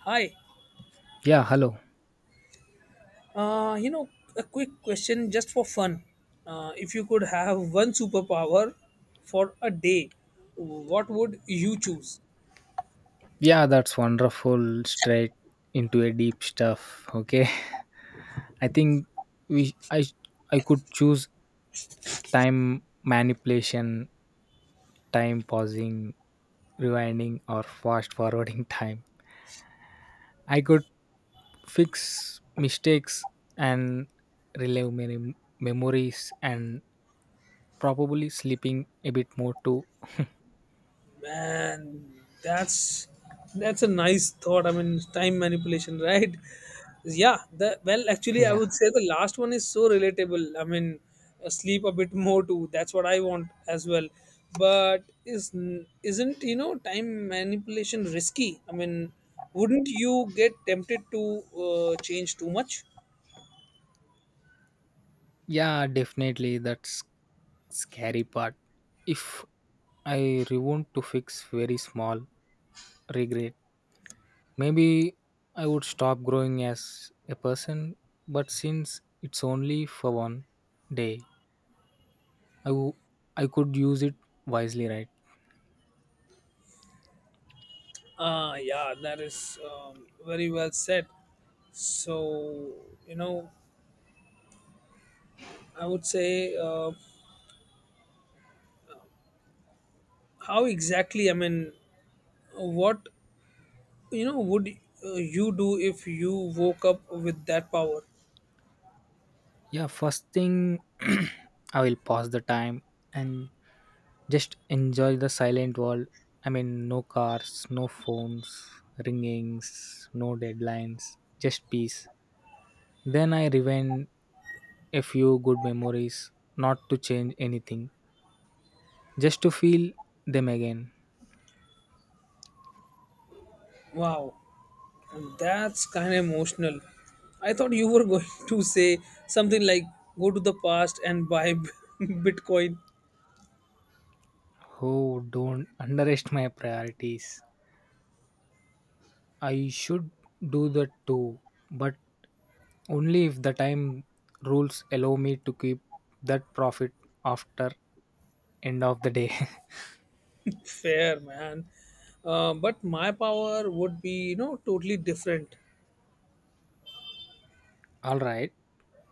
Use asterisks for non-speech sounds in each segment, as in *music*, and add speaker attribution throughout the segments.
Speaker 1: Hi.
Speaker 2: Yeah, hello.
Speaker 1: Uh, you know, a quick question just for fun. If you could have one superpower for a day, what would you choose?
Speaker 2: Yeah, that's wonderful. Straight into a deep stuff. Okay, *laughs* I think we I could choose time manipulation, time pausing, rewinding, or fast forwarding *laughs* time. I could fix mistakes and relive many memories and probably sleeping a bit more too.
Speaker 1: Man, that's that's a nice thought. I mean, time manipulation, *laughs* right? Yeah. The well, actually, I
Speaker 2: Yeah,
Speaker 1: would say the last one is so relatable. I mean, sleep a bit *laughs* more too. That's what I want as well. But is isn't time manipulation risky? I mean, wouldn't you get tempted to change too much?
Speaker 2: yeah, definitely. That's scary part. If I want to fix very small regret. Maybe I would stop growing as a person, but since it's only for 1 day, I wo- I could use it wisely, right?
Speaker 1: Ah, yeah, that is very well said. So, you know, I would say, how exactly, I mean, what would you do if you woke up with that power?
Speaker 2: Yeah, first thing *clears throat* I will pause the time and just enjoy the silent world. I mean, no cars, no phones, ringings, no deadlines, just peace. Then I rewind a few good memories, not to change anything, just to feel them again.
Speaker 1: Wow, that's kind of emotional. I thought you were going *laughs* to say something like go to the past and buy *laughs* bitcoin.
Speaker 2: Oh, don't underestimate my priorities. I should do that too, but only if the time rules allow me to keep that profit after end of the day. *laughs*
Speaker 1: Fair, man. But my power would be totally different.
Speaker 2: All right,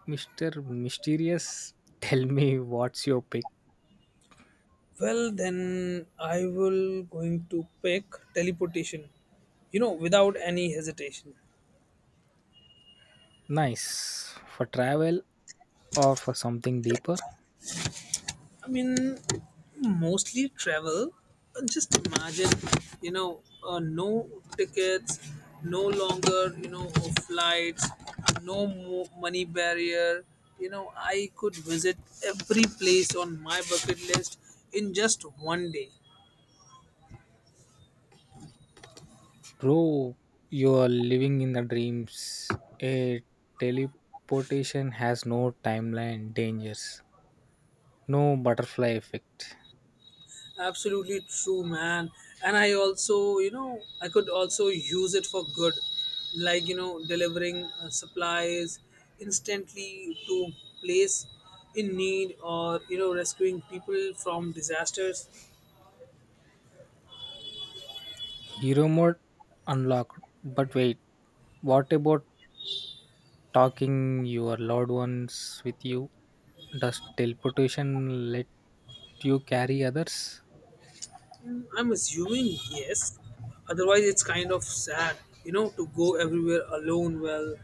Speaker 2: Mr. Mysterious, tell me what's your pick?
Speaker 1: Well, then I will going to pick teleportation without any hesitation.
Speaker 2: Nice. For travel or for something deeper?
Speaker 1: I mean, mostly travel. Just imagine, no tickets, no longer, flights, no money barrier. I could visit every place on my bucket list in just one day.
Speaker 2: Bro, you are living in the dreams. A teleportation has no timeline dangers. No butterfly effect.
Speaker 1: Absolutely true, man. And I could also use it for good, like, delivering supplies instantly to place in need or, rescuing people from disasters.
Speaker 2: Hero mode unlocked. But wait, what about talking your loved ones with you? Does teleportation let you carry others?
Speaker 1: Mm, I'm assuming yes. Otherwise, it's kind of sad, to go everywhere alone. Well,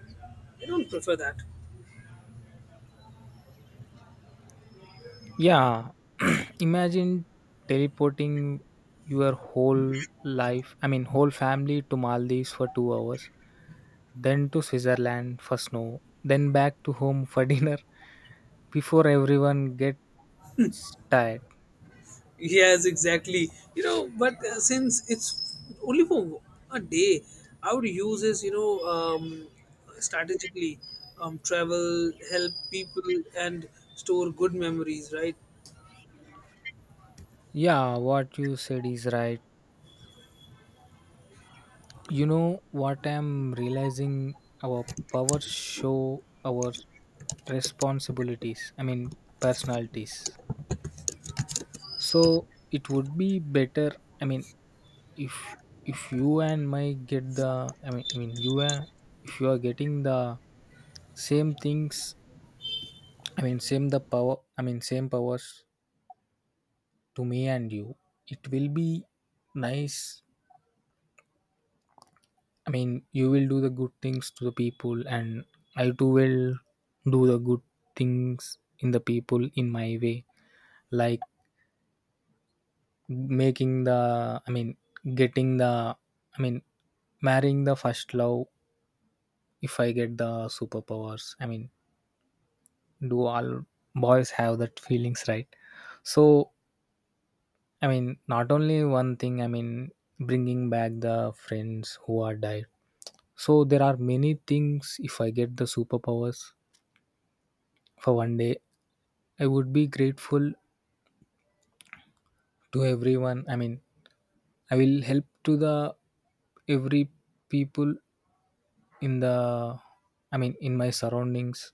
Speaker 1: I don't prefer that.
Speaker 2: Yeah, *clears throat* imagine teleporting your whole life, I mean, whole family to Maldives for 2 hours, then to Switzerland for snow, then back to home for *laughs* dinner before everyone gets tired.
Speaker 1: Yes, exactly. But since it's only for a day, I would use this, strategically, travel, help people, and store good memories, right?
Speaker 2: Yeah, what you said is right. You know what? I'm realizing our power show our responsibilities, I mean, personalities. So it would be better, I mean, if you and my get the I mean you and if you are getting the same things I mean same the power I mean same powers to me and you it will be nice. I mean, you will do the good things to the people, and I too will do the good things in the people in my way, like making the, I mean, getting the, I mean, marrying the first love if I get the superpowers. I mean, do all boys have that feelings, right? So, I mean, not only one thing, I mean, bringing back the friends who are died. So there are many things if I get the superpowers for 1 day, I would be grateful to everyone. I mean, I will help to the every people in the I mean in my surroundings.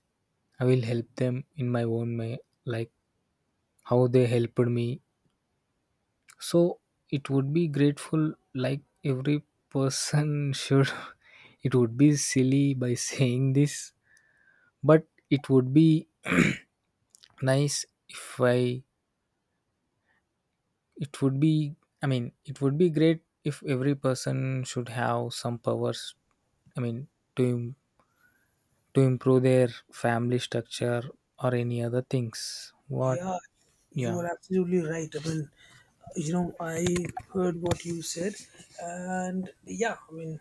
Speaker 2: I will help them in my own way, like how they helped me. So it would be grateful like every person *laughs* should. It would be silly by saying this, but it would be *clears throat* nice if I it would be I mean it would be great if every person should have some powers I mean to im- to improve their family structure or any other things. What
Speaker 1: Yeah, you
Speaker 2: yeah.
Speaker 1: are absolutely right. I mean, I heard what you said, and yeah, I mean,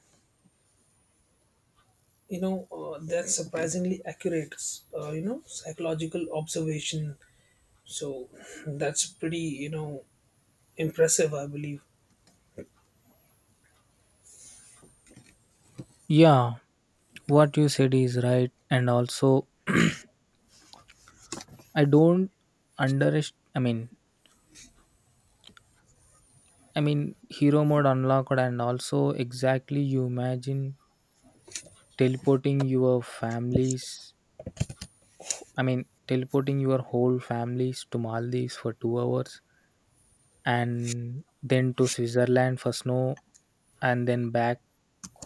Speaker 1: that's surprisingly accurate, psychological observation. So that's pretty, impressive, I believe.
Speaker 2: Yeah, what you said is right and also *clears throat* I don't underest I mean hero mode unlocked and also exactly you imagine teleporting your families I mean teleporting your whole families to Maldives for 2 hours and then to Switzerland for snow and then back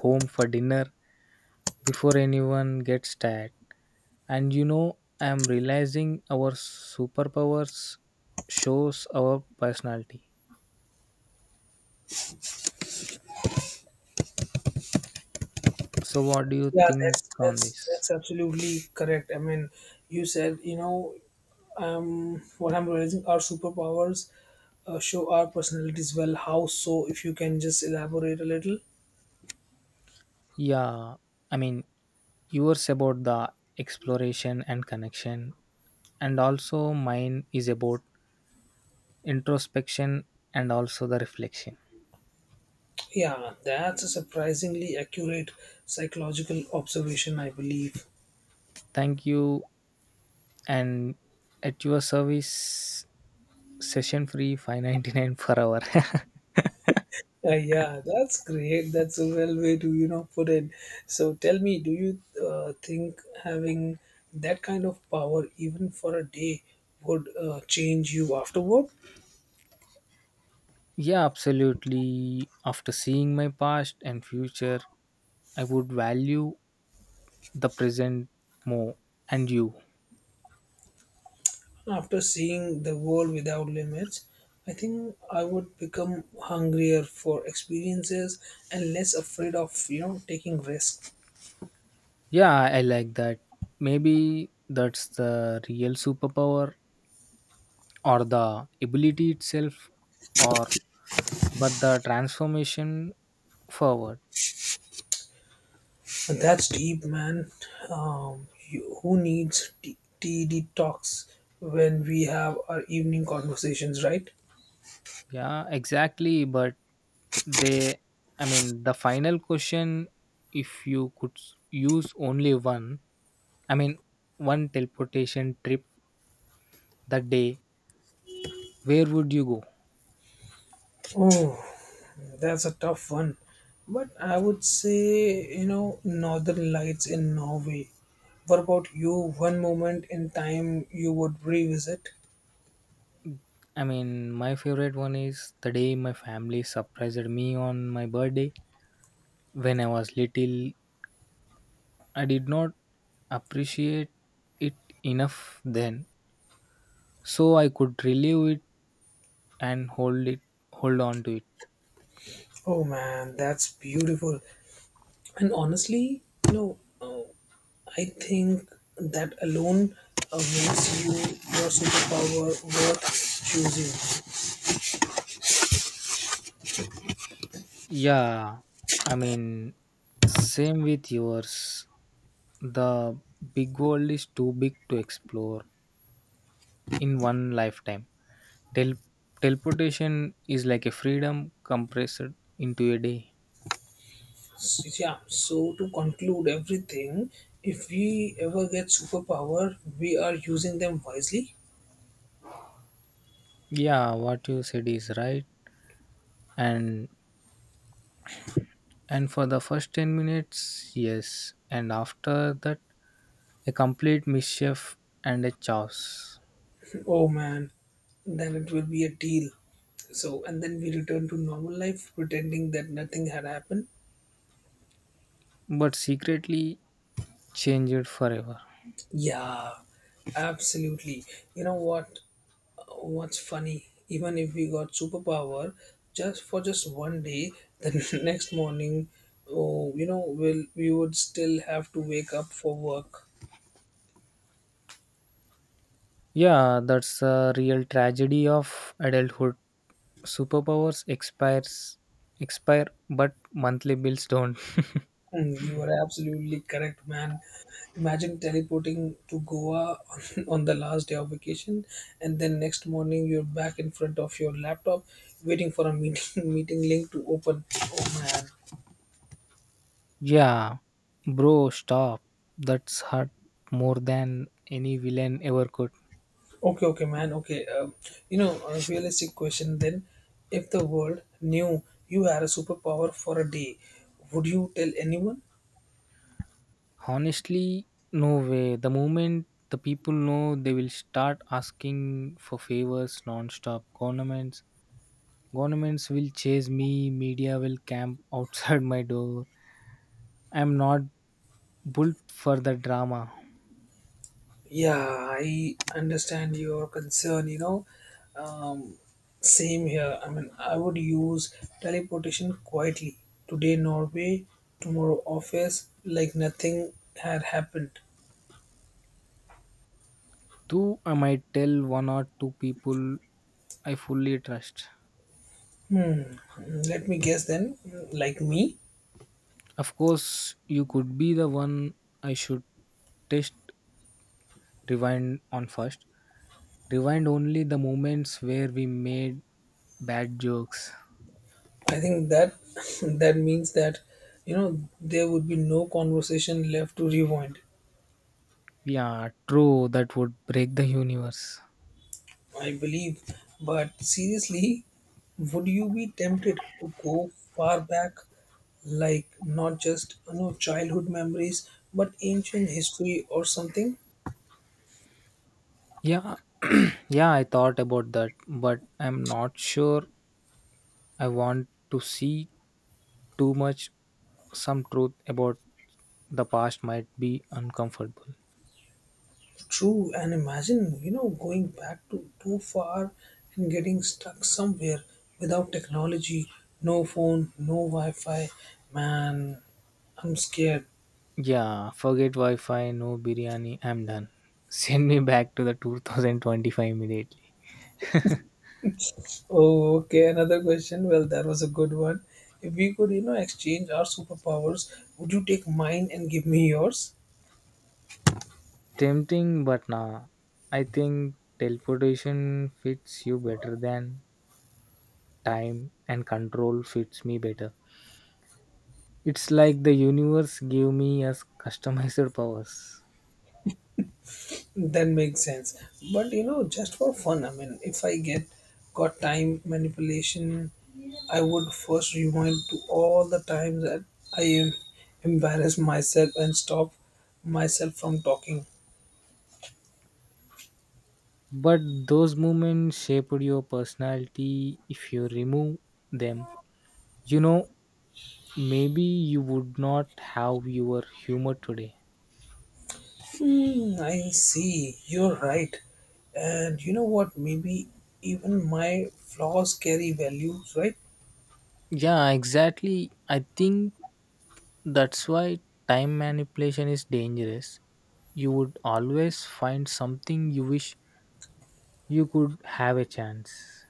Speaker 2: home for dinner before anyone gets tired. And you know I'm realizing our superpowers shows our personality. So what do you
Speaker 1: Yeah,
Speaker 2: think
Speaker 1: that's
Speaker 2: on
Speaker 1: that's
Speaker 2: this?
Speaker 1: that's absolutely correct. I mean, you said, what I'm realizing, our superpowers show our personalities. Well, how so? If you can just elaborate a little.
Speaker 2: Yeah, I mean, yours about the exploration and connection, and also mine is about introspection and also the reflection.
Speaker 1: Yeah, that's a surprisingly accurate psychological observation, I believe.
Speaker 2: Thank you, and at your service, session free 599 per hour.
Speaker 1: Yeah, that's great. That's a well way to put it. So tell me, do you think having that kind of power, even for a day, would change you afterward?
Speaker 2: *laughs* Yeah, absolutely. After seeing my past and future, I would value the present more, and you.
Speaker 1: After seeing the world without limits, I think I would become hungrier for experiences and less afraid of taking risks.
Speaker 2: Yeah, I like that. Maybe that's the real superpower or the ability itself or but the transformation forward.
Speaker 1: And that's deep, man. You, who needs TD talks when we have our evening conversations, right?
Speaker 2: Yeah, exactly, but they I mean the final question if you could use only one I mean one teleportation trip that day, where would you go?
Speaker 1: Oh, that's a tough one. But I would say, Northern Lights in Norway. What about you? One moment in time you would revisit?
Speaker 2: I mean, my favorite one is the day my family surprised me on my birthday when I was little. I did not appreciate it enough then, so I could relive it and hold on to it.
Speaker 1: Oh man, that's beautiful. And honestly, I think that alone makes your superpower worth choosing.
Speaker 2: Yeah, I mean same with yours. The big world is too big to explore in one lifetime. Tel- Teleportation is like a freedom compressed into a day.
Speaker 1: So, yeah, so to conclude everything, if we ever get superpower, we are using them wisely.
Speaker 2: Yeah, what you said is right. And and for the first 10 minutes, yes. And after that, a complete mischief and a chaos.
Speaker 1: Oh man, then it will be a deal. So, and then we return to normal life pretending that nothing had happened.
Speaker 2: But secretly changed forever.
Speaker 1: Yeah, absolutely. You know what? What's funny? Even if we got superpower just for just one day, the *laughs* next morning, oh, you know, will we would still have to wake up for work.
Speaker 2: Yeah, that's a real tragedy of adulthood. Superpowers expires expire but monthly bills don't.
Speaker 1: Mm, you are absolutely correct, man. Imagine teleporting to Goa on, *laughs* on the last day of vacation, and then next morning you're back in front of your laptop, waiting for a meeting *laughs* meeting link to open. Oh man.
Speaker 2: Yeah. Bro, stop. That's hurt more than any villain ever could.
Speaker 1: Okay, okay, man. Okay. A realistic question then: if the world knew you had a superpower for a day, would you tell anyone?
Speaker 2: Honestly, no way. The moment the people know they will start asking for favors non-stop. Governments will chase me, media will camp outside *laughs* my door. I'm not built for the drama.
Speaker 1: Yeah, I understand your concern. Um, Same here. I mean, I would use teleportation quietly. Today, Norway, tomorrow, office, like nothing had happened.
Speaker 2: Though I might tell one or two people I fully trust.
Speaker 1: Mm, let me guess then, like me.
Speaker 2: Of course, you could be the one I should test rewind on first. Rewind only the moments where we made bad jokes.
Speaker 1: I think that *laughs* that means that, there would be no conversation left to rewind.
Speaker 2: Yeah, true, that would break the universe.
Speaker 1: I believe. But seriously, would you be tempted to go far back, like not just childhood memories, but ancient history or something?
Speaker 2: Yeah, *clears throat* yeah, I thought about that, but I'm not sure I want to see too much. Some truth about the past might be uncomfortable.
Speaker 1: True, and imagine going back to too far and getting stuck somewhere without technology, no phone, no Wi-Fi. Man, I'm scared.
Speaker 2: Yeah, forget Wi Fi, no biryani, I'm done. *laughs* Send me back to the 2025 immediately.
Speaker 1: Oh, okay, another question. Well, that was a good one. If we could, exchange our superpowers, would you take mine and give me yours?
Speaker 2: Tempting, but nah. I think teleportation fits you better than time, and control fits me better. It's like the universe gave me as customized *laughs* powers.
Speaker 1: That makes sense. But just for fun, I mean, if I get got time manipulation, I would first rewind to all the times that I embarrassed myself and stop myself from talking.
Speaker 2: But those moments shaped your personality. If you remove them, you know, maybe you would not have your humor today.
Speaker 1: Hmm, I see. You're right. And you know what? Maybe even my flaws carry values, right?
Speaker 2: Yeah, exactly. I think that's why time manipulation is dangerous. You would always find something you wish you could have a chance.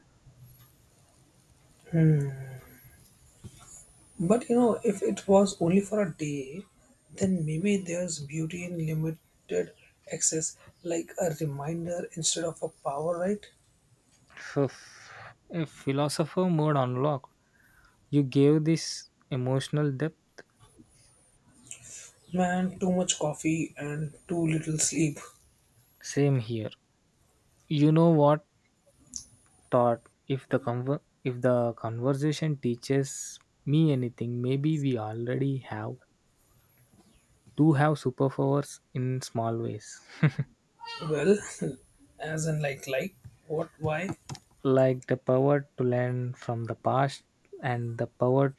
Speaker 1: But if it was only for a day, then maybe there's beauty in limited access, like a reminder instead of a power, right?
Speaker 2: Phew. A philosopher mode unlocked. You gave this emotional depth.
Speaker 1: Man, too much coffee and too little sleep.
Speaker 2: Same here. You know what? Thought if the conver- If the conversation teaches me anything, maybe we already have do have superpowers in small ways,
Speaker 1: Well, *laughs* as in, like, what, why?
Speaker 2: *laughs* like the power to learn from the past and the power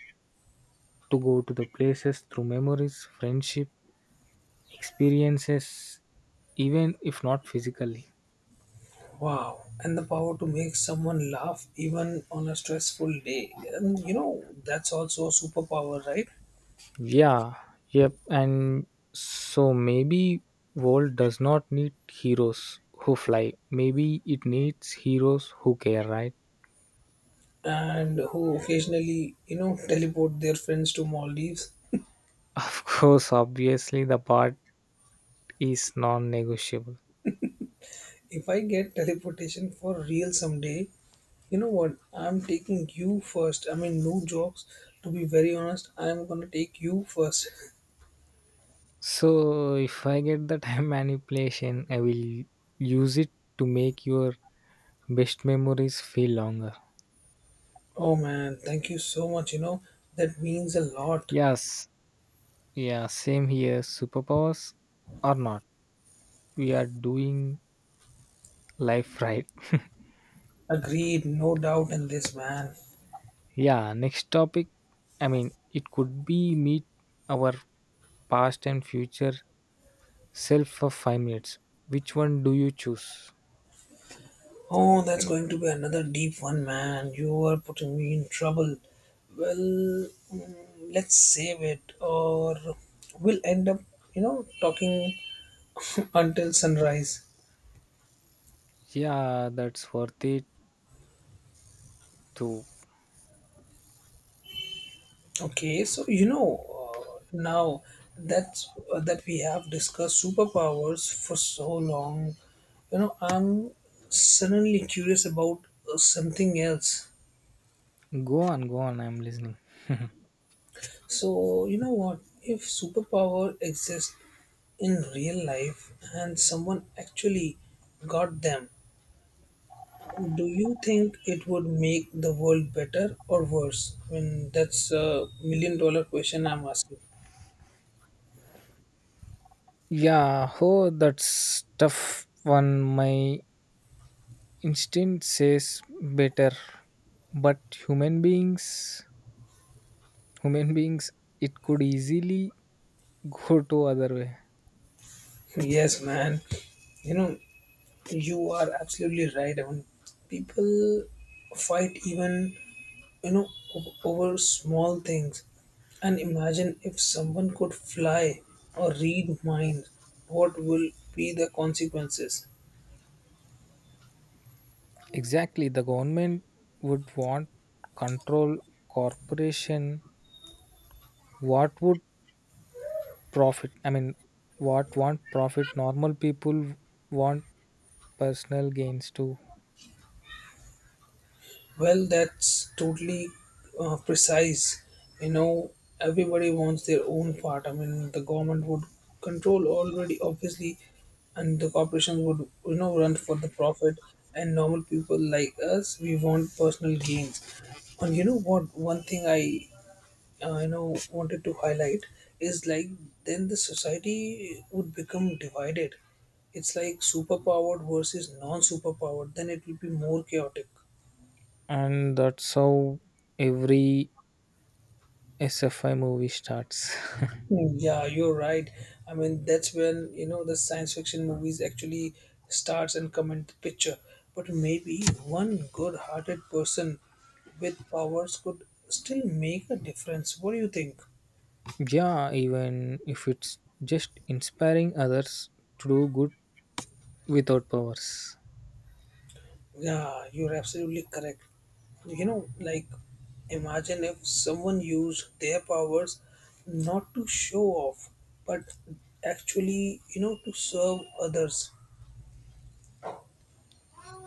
Speaker 2: to go to the places through memories, friendship, experiences, even if not physically.
Speaker 1: Wow. And the power to make someone laugh even on a stressful day. And that's also a superpower, right?
Speaker 2: Yeah, yep, and so maybe world does not need heroes who fly. Maybe it needs heroes who care, right?
Speaker 1: And who occasionally, teleport their friends to Maldives.
Speaker 2: Of course, obviously, the part is non negotiable.
Speaker 1: If I get teleportation for real someday, you know what? I'm taking you first. I mean, no jokes. To be very honest, I'm gonna take you first. *laughs*
Speaker 2: So, if I get the *laughs* time manipulation, I will use it to make your best memories feel longer.
Speaker 1: Oh man, thank you so much. That means a lot.
Speaker 2: Yes, yeah, same here. Superpowers or not, we are doing life *laughs* right.
Speaker 1: Agreed, no doubt in this, man.
Speaker 2: Yeah, next topic. I mean, it could be meet our past and future self for 5 minutes. Which one do you choose?
Speaker 1: Oh, that's going to be another deep one, man. You are putting me in trouble. Well, let's save it, or we'll end up, talking *laughs* until sunrise.
Speaker 2: Yeah, that's worth it too.
Speaker 1: Okay, so now that we have discussed superpowers for so long. I'm suddenly curious about something else.
Speaker 2: Go on, go on. I'm listening.
Speaker 1: So you know what? If superpower exists in real life and someone actually got them, do you think it would make the world better or worse? I mean, that's a million dollar question I'm asking.
Speaker 2: Yeah, oh, that's tough one. My instinct says better, but human beings, human beings, it could easily go to other way.
Speaker 1: *laughs* Yes, man. You know, You are absolutely right. I mean, people fight even, you know, over small things. And imagine if someone could fly or read minds, what will be the consequences?
Speaker 2: Exactly, the government would want control corporation. What would profit? I mean, what want profit? Normal people want personal gains too,
Speaker 1: Well, that's totally precise. You know, Everybody wants their own part. I mean, the government would control already, obviously, and the corporations would, run for the profit. And normal people like us, we want personal gains. And you know what? One thing I, wanted to highlight is like then the society would become divided. It's like superpowered versus non-superpowered. Then it will be more chaotic.
Speaker 2: and that's how every SFI movie starts.
Speaker 1: Yeah, you're right. I mean, that's when, the science fiction movies actually starts and come into picture. But maybe one good-hearted person with powers could still make a difference. What do you think?
Speaker 2: *laughs* Yeah, even if it's just inspiring others to do good without powers.
Speaker 1: Yeah, you're absolutely correct. Like imagine if someone used their powers not to show off, but actually, to serve others.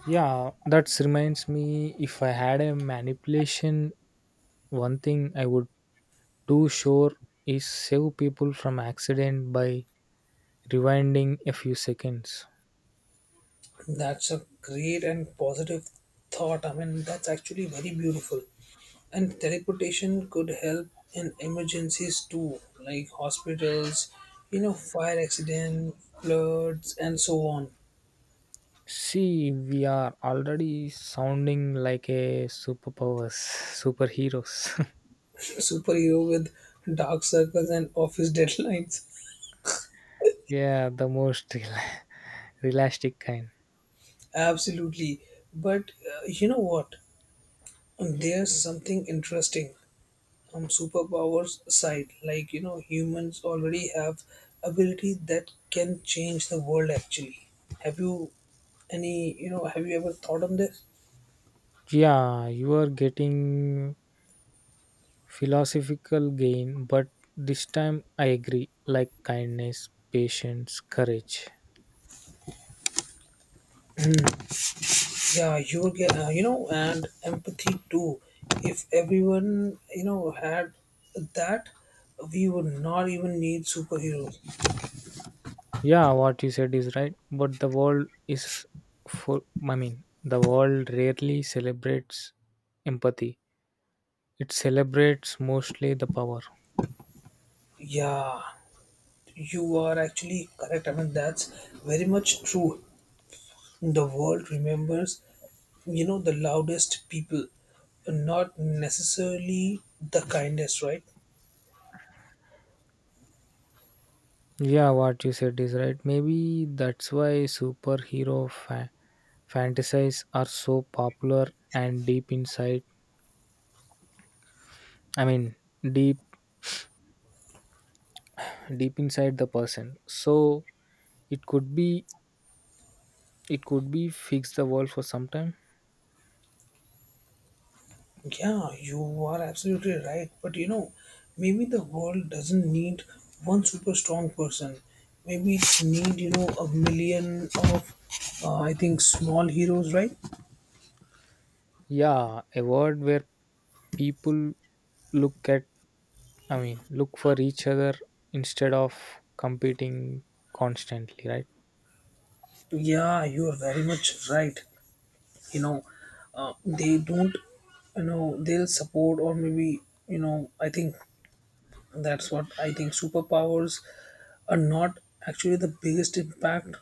Speaker 2: Yeah, that reminds me if I had a manipulation, one thing I would do sure is save people from accident by rewinding a few seconds.
Speaker 1: That's a great and positive thought. I mean, that's actually very beautiful. And teleportation could help in emergencies too, like hospitals, fire accident, floods, and so on.
Speaker 2: See, we are already sounding like a superheroes. *laughs*
Speaker 1: *laughs* Superhero with dark circles and office *laughs* deadlines.
Speaker 2: Yeah, the most *laughs* realistic kind.
Speaker 1: Absolutely. But you know what? There's something interesting, superpowers side, like humans already have ability that can change the world. Actually, have you any you know have you ever thought on this?
Speaker 2: Yeah, you are getting philosophical gain, but this time I agree like kindness, patience, courage.
Speaker 1: Yeah, you will get and empathy too. If everyone had that, we would not even need superheroes.
Speaker 2: Yeah, what you said is right, but the world is for I mean, the world rarely celebrates empathy. It celebrates mostly the power.
Speaker 1: Yeah, you are actually correct. I mean, that's very much true. The world remembers the loudest people, not necessarily the kindest, right?
Speaker 2: Yeah, what you said is right. Maybe that's why fantasies are so popular and deep inside. I mean, deep deep inside the person so it could be it could be fix the world for some time.
Speaker 1: Yeah, you are absolutely right, but maybe the world doesn't need one super strong person. Maybe it need a million of I think small heroes, right?
Speaker 2: Yeah, a world where people look at I mean look for each other instead of competing constantly, right?
Speaker 1: Yeah, you are very much right. you know they don't, they'll support, or maybe I think that's what I think superpowers are not, actually. The biggest impact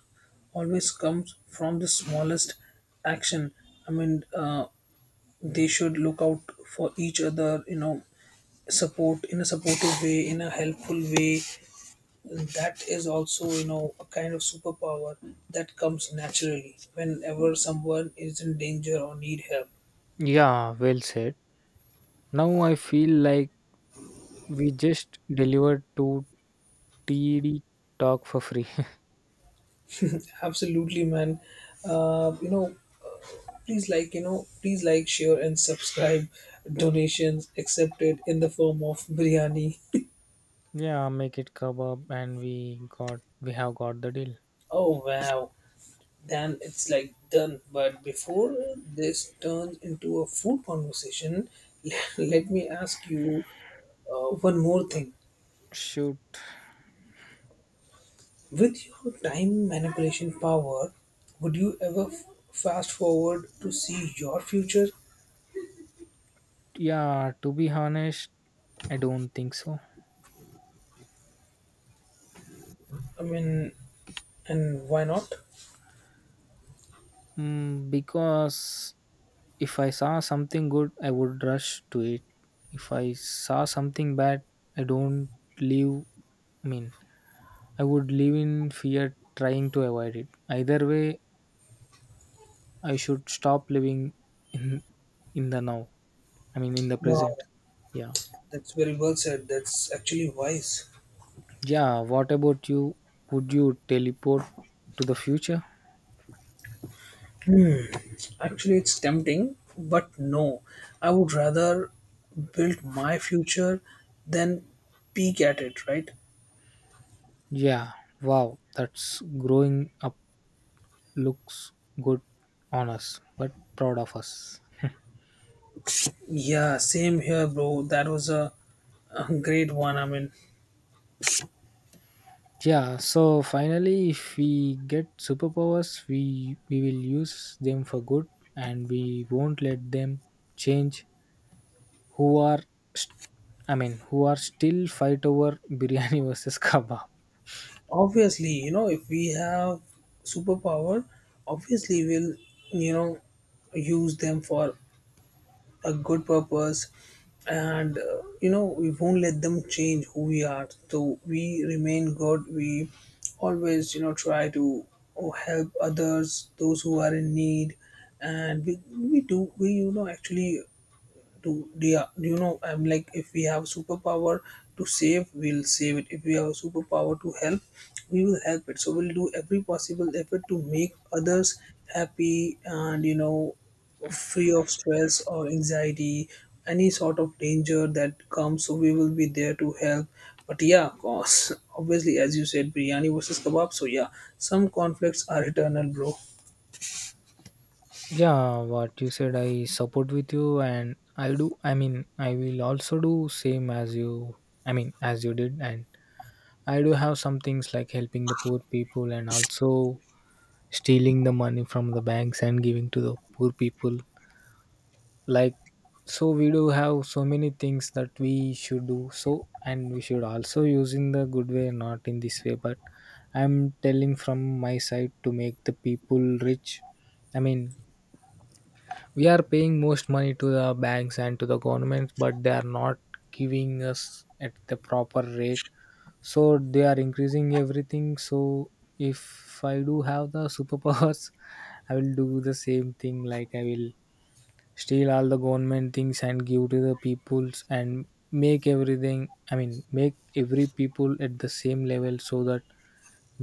Speaker 1: always comes from the smallest action. I mean, they should look out for each other, support in a supportive way, in a helpful way. That is also a kind of superpower that comes naturally whenever someone is in danger or need help.
Speaker 2: Yeah, well said. Now I feel like we just delivered to td talk for free.
Speaker 1: Absolutely, man. uh, you know Please like, share and subscribe. Donations accepted in the form of biryani.
Speaker 2: *laughs* Yeah, make it kebab and we have got the deal.
Speaker 1: Oh wow, then it's like done. But before this turns into a food conversation, *laughs* let me ask you one more thing.
Speaker 2: Shoot.
Speaker 1: With your time manipulation power, would you ever fast forward to see your future?
Speaker 2: Yeah, to be honest, I don't think so.
Speaker 1: I mean, and why not?
Speaker 2: Mm, because if I saw something good, I would rush to it. If I saw something bad, I don't live. I mean, I would live in fear, trying to avoid it. Either way, I should stop living in in the now. I mean, in the
Speaker 1: Wow,
Speaker 2: present. Yeah.
Speaker 1: that's very well said. That's actually wise.
Speaker 2: Yeah. What about you? Would you teleport to the future?
Speaker 1: Actually, it's tempting, but no. I would rather build my future than peek at it, right?
Speaker 2: Yeah. Wow. That's growing up looks good on us but proud of us.
Speaker 1: Yeah, same here, bro. That was a great one. I mean,
Speaker 2: Yeah, so finally if we get superpowers we will use them for good and we won't let them change who are st- I mean who are still fight over biryani *laughs* versus kebab.
Speaker 1: obviously, if we have superpower, obviously we'll, you know, use them for a good purpose and we won't let them change who we are, so we remain good. We always try to oh, help others, those who are in need. And we do we actually to yeah, I'm like if we have superpower to save, we'll save it. If we have a superpower to help, we will help it. So we'll do every possible effort to make others happy and free of stress or anxiety, any sort of danger that comes. So we will be there to help. But yeah, of course, *laughs* obviously, as you said, biryani versus kebab. So yeah, some conflicts are eternal, bro.
Speaker 2: Yeah, what you said I support with you and I do. I mean, I will also do same as you, I mean as you did. And I do have some things like helping the poor people and also stealing the money from the banks and giving to the poor people. Like, so we do have so many things that we should do. So, and we should also use in the good way, not in this way. But I'm telling from my side to make the people rich. I mean, we are paying most money to the banks and to the governments, but they are not giving us at the proper rate so they are increasing everything. So if I do have the superpowers *laughs* I will do the same thing. Like I will steal all the government things and give to the peoples and make everything I mean make every people at the same level so that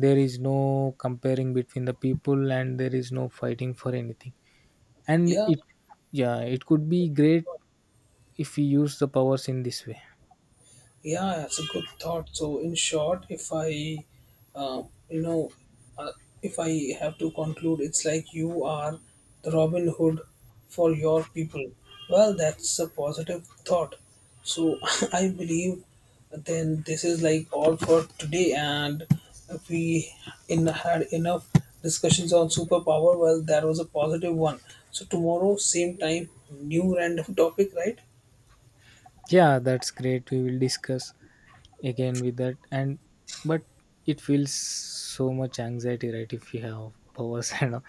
Speaker 2: there is no comparing between the people and there is no fighting for anything and
Speaker 1: Yeah.
Speaker 2: it yeah it could be great if we use the powers in this way.
Speaker 1: Yeah, that's a good thought. So, in short, uh, you know, uh, if I have to conclude, it's like you are the Robin Hood for your people. Well, that's a positive thought. So, *laughs* I believe then this is like all for today, and we in had enough discussions on superpower. Well, that was a positive one. So, tomorrow, same time, new random *laughs* topic, right?
Speaker 2: Yeah, that's great, we will discuss again with that. And but it feels so much anxiety right if you have powers *laughs* and all.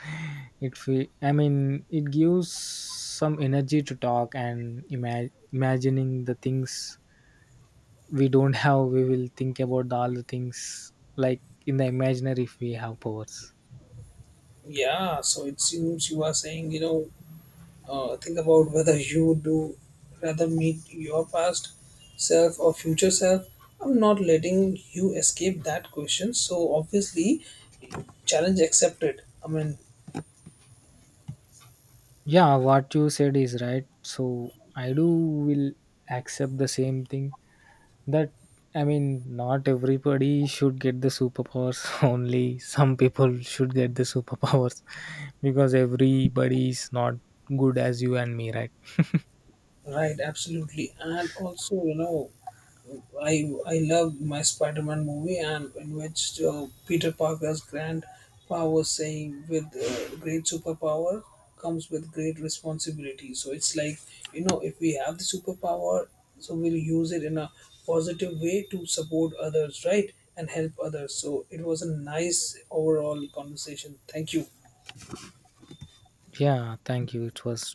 Speaker 2: It feel I mean it gives some energy to talk and imagining the things we don't *laughs* have. We will think about the, all the things like in the imaginary if we have powers.
Speaker 1: Yeah, so it seems you are saying, think about whether you do rather meet your past self or future self. I'm not letting you escape that question. So obviously, challenge accepted. I mean,
Speaker 2: Yeah, what you said is right so I do will accept the same thing that I mean not everybody should get the superpowers *laughs* only some people should get the superpowers *laughs* because everybody is not good as you and me right.
Speaker 1: right, absolutely. And also, I love my Spider-Man movie, and in which Peter Parker's grand power saying, "With great superpower comes with great responsibility." So it's like if we have the superpower, so we'll use it in a positive way to support others, right, and help others. So it was a nice overall conversation. Thank you.
Speaker 2: Yeah, thank you, it was